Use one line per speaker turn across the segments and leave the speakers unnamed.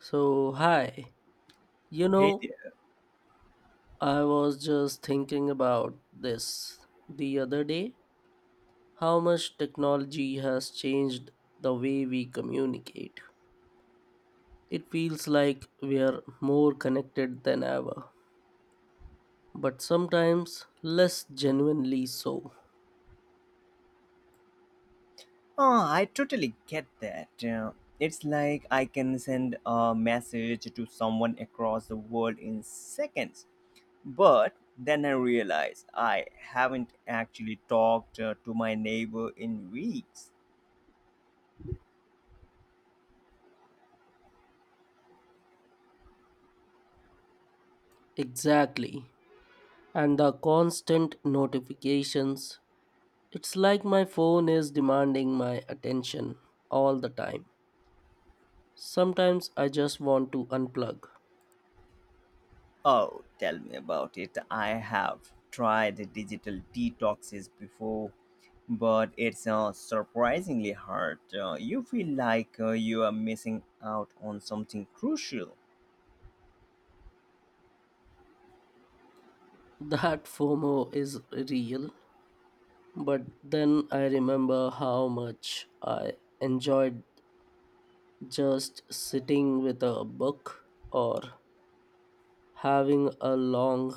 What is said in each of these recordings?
So, hi. You
Hey
know,
there.
I was just thinking about this the other day how much technology has changed the way we communicate. It feels like we are more connected than ever, but sometimes less genuinely so.
Oh, I totally get that. It's like I can send a message to someone across the world in seconds. But then I realize I haven't actually talked to my neighbor in weeks.
Exactly. And the constant notifications. It's like my phone is demanding my attention all the time. Sometimes I just want to unplug.
Oh, tell me about it. I have tried digital detoxes before, but it's surprisingly hard. You feel like you are missing out on something crucial.
That FOMO is real, but then I remember how much I enjoyed just sitting with a book or having a long,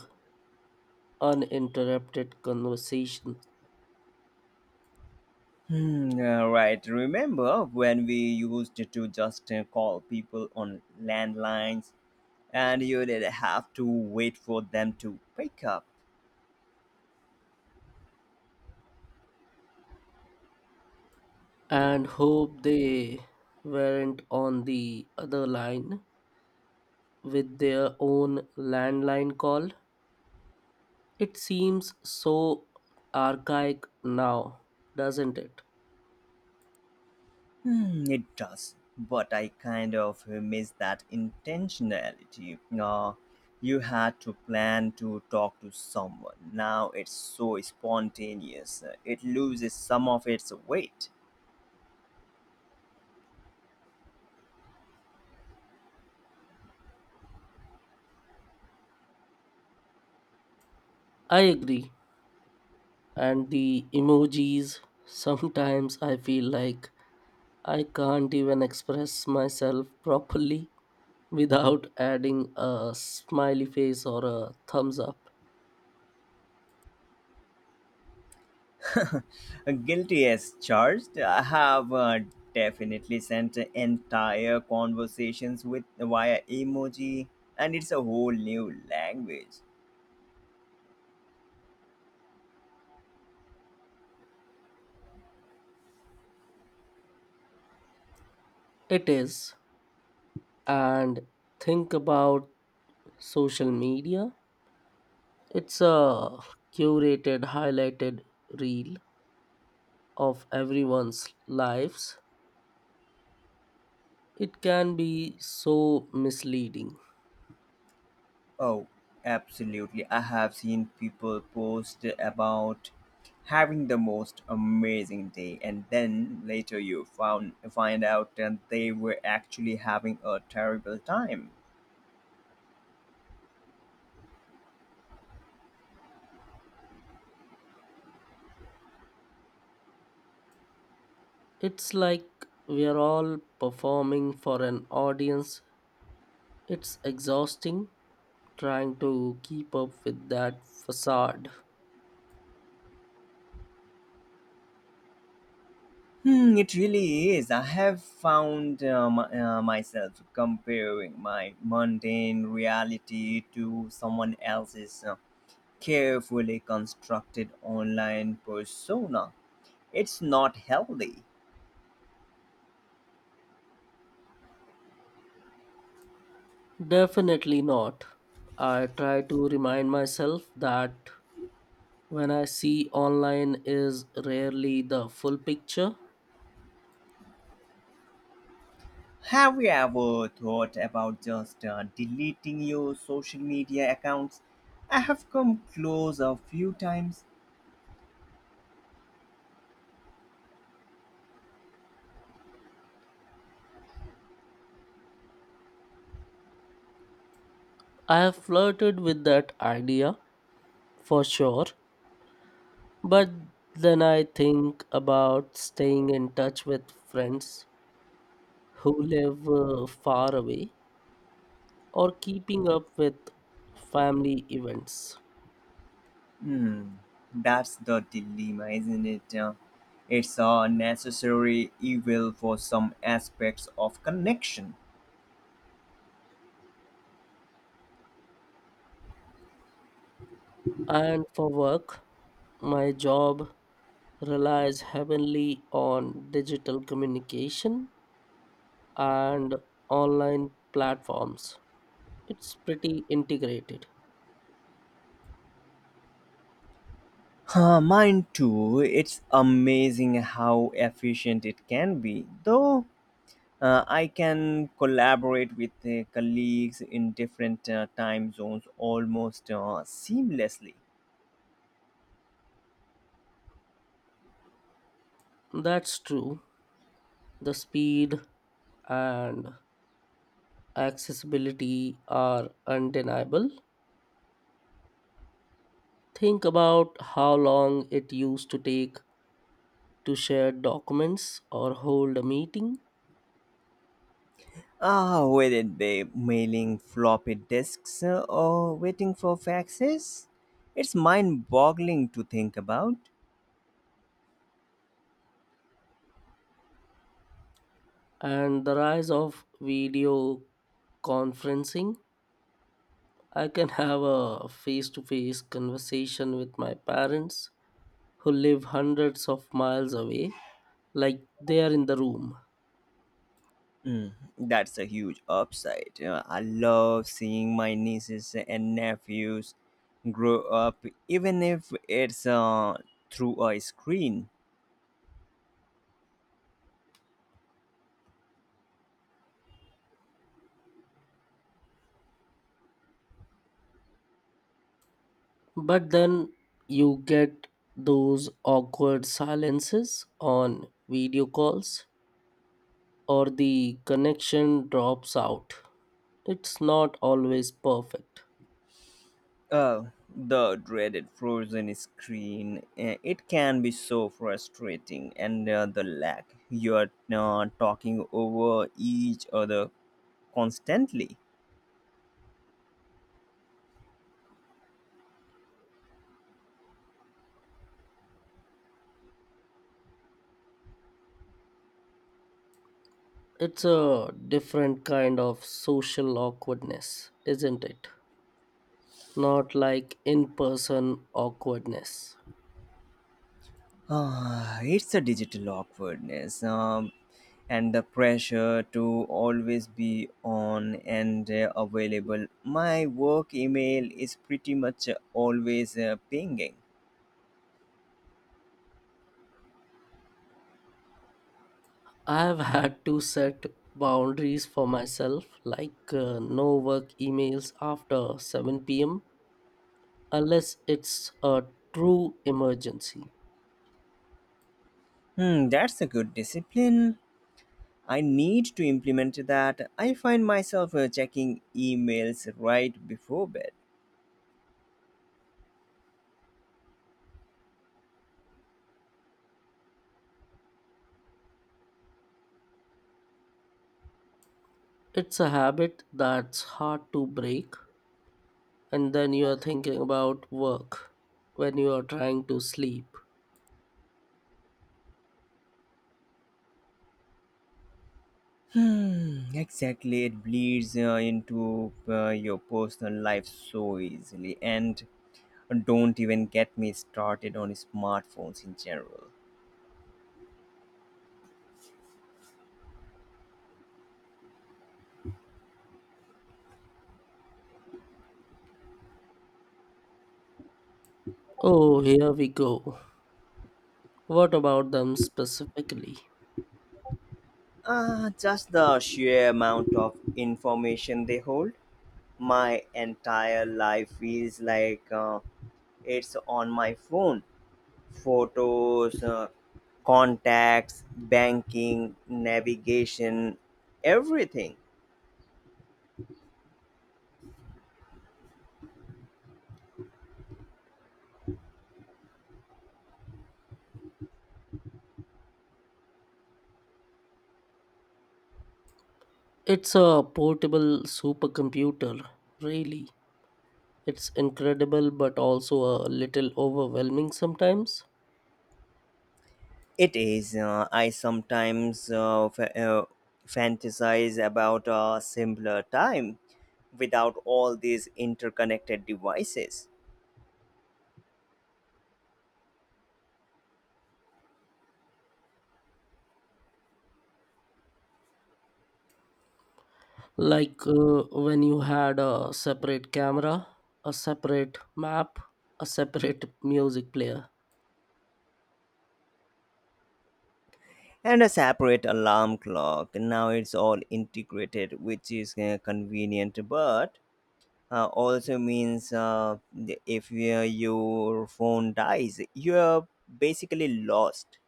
uninterrupted conversation.
Hmm, right. Remember when we used to just call people on landlines and you did have to wait for them to pick up?
And hope they weren't on the other line with their own landline call. It seems so archaic now, doesn't it?
Hmm, it does. But I kind of miss that intentionality. You had to plan to talk to someone. Now it's so spontaneous. It loses some of its weight.
I agree. And the emojis. Sometimes I feel like I can't even express myself properly without adding a smiley face or a thumbs up.
Guilty as charged. I have definitely sent entire conversations with via emoji, and it's a whole new language.
It is. And think about social media. It's a curated, highlighted reel of everyone's lives. It can be so misleading.
Oh, absolutely. I have seen people post about having the most amazing day, and then later you found find out that they were actually having a terrible time.
It's like we are all performing for an audience. It's exhausting trying to keep up with that facade.
Hmm, it really is. I have found myself comparing my mundane reality to someone else's carefully constructed online persona. It's not healthy.
Definitely not. I try to remind myself that when I see online is rarely the full picture.
Have you ever thought about just deleting your social media accounts? I have come close a few times.
I have flirted with that idea for sure, but then I think about staying in touch with friends who live far away or keeping up with family events.
Hmm, that's the dilemma, isn't it? It's a necessary evil for some aspects of connection.
And for work, my job relies heavily on digital communication and online platforms. It's pretty integrated.
Huh, mine too. It's amazing how efficient it can be. Though I can collaborate with colleagues in different time zones almost seamlessly.
That's true. The speed and accessibility are undeniable. Think about how long it used to take to share documents or hold a meeting,
Ah, whether they mailing floppy disks or waiting for faxes, it's mind-boggling to think about.
and the rise of video conferencing. I can have a face to face conversation with my parents who live hundreds of miles away, like they are in the room.
Mm, that's a huge upside. I love seeing my nieces and nephews grow up, even if it's through a screen.
But then you get those awkward silences on video calls, or the connection drops out. It's not always perfect.
Uh, the dreaded frozen screen. It can be so frustrating, and the lag. You're talking over each other constantly.
It's a different kind of social awkwardness, isn't it? Not like in person awkwardness.
Ah, it's a digital awkwardness and the pressure to always be on and available. My work email is pretty much always pinging.
I've had to set boundaries for myself, like no work emails after 7 p.m. unless it's a true emergency.
Hmm, that's a good discipline. I need to implement that. I find myself checking emails right before bed.
It's a habit that's hard to break, and then you are thinking about work when you are trying to sleep.
Hmm, exactly. It bleeds into your personal life so easily. And don't even get me started on smartphones in general.
Oh, here we go. What about them specifically?
Ah, just the sheer amount of information they hold. My entire life is like it's on my phone. Photos, contacts, banking, navigation, everything.
It's a portable supercomputer, really. It's incredible but also a little overwhelming sometimes.
It is. I sometimes fantasize about a simpler time without all these interconnected devices
Like when you had a separate camera, a separate map, a separate music player.
and a separate alarm clock. Now it's all integrated, which is convenient, but also means th- if your phone dies, you're basically lost.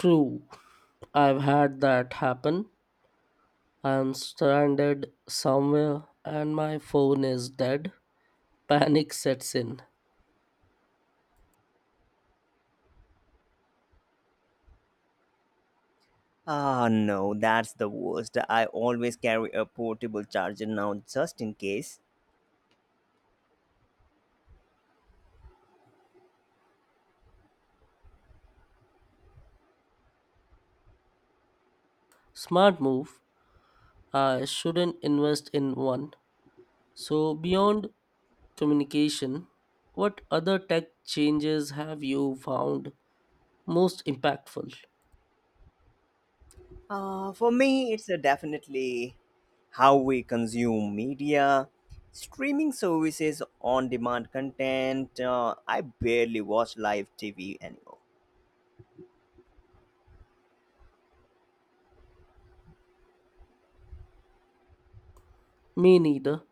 True, I've had that happen. I'm stranded somewhere and my phone is dead. Panic sets in.
Ah, no, that's the worst. I always carry a portable charger now just in case.
Smart move. I shouldn't invest in one. So, beyond communication, what other tech changes have you found most impactful?
For me, it's definitely how we consume media, streaming services, on demand content. I barely watch live TV anymore.
Me neither.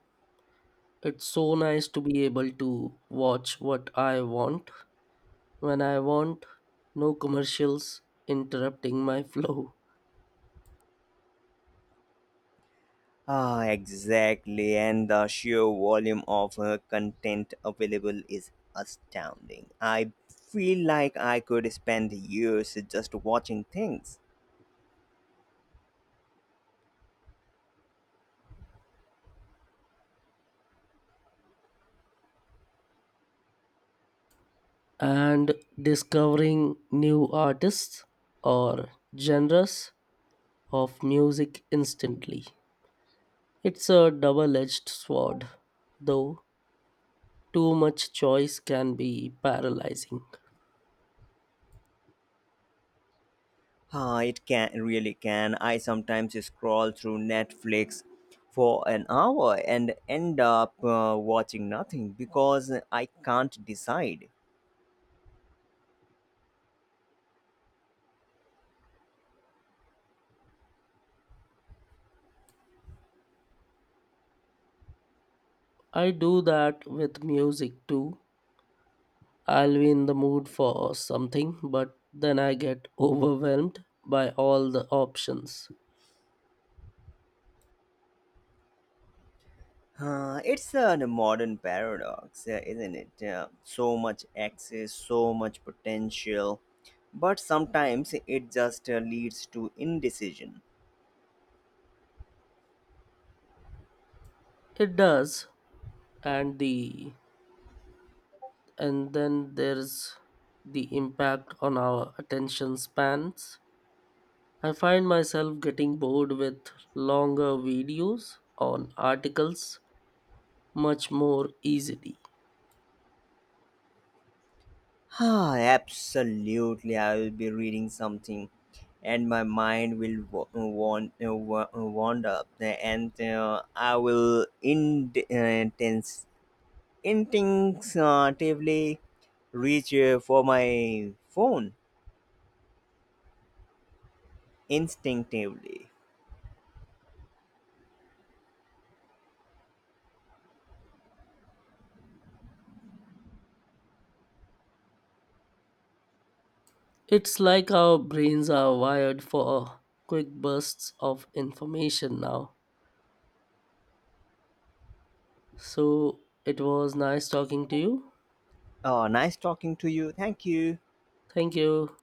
It's so nice to be able to watch what I want when I want, no commercials interrupting my flow,
Ah, exactly. And the sheer volume of content available is astounding. I feel like I could spend years just watching things.
and discovering new artists or genres of music instantly. It's a double edged sword, though too much choice can be paralyzing.
Ah, it can really can. I sometimes scroll through Netflix for an hour and end up watching nothing because I can't decide.
I do that with music too. I'll be in the mood for something, but then I get overwhelmed by all the options.
It's a modern paradox, isn't it? So much access, so much potential, but sometimes it just leads to indecision.
It does, and then there's the impact on our attention spans. I find myself getting bored with longer videos on articles much more easily.
Ah, absolutely. I will be reading something, and my mind will wander, and I will instinctively reach for my phone. Instinctively.
It's like our brains are wired for quick bursts of information now. So it was nice talking to you.
Oh, nice talking to you. Thank you.
Thank you.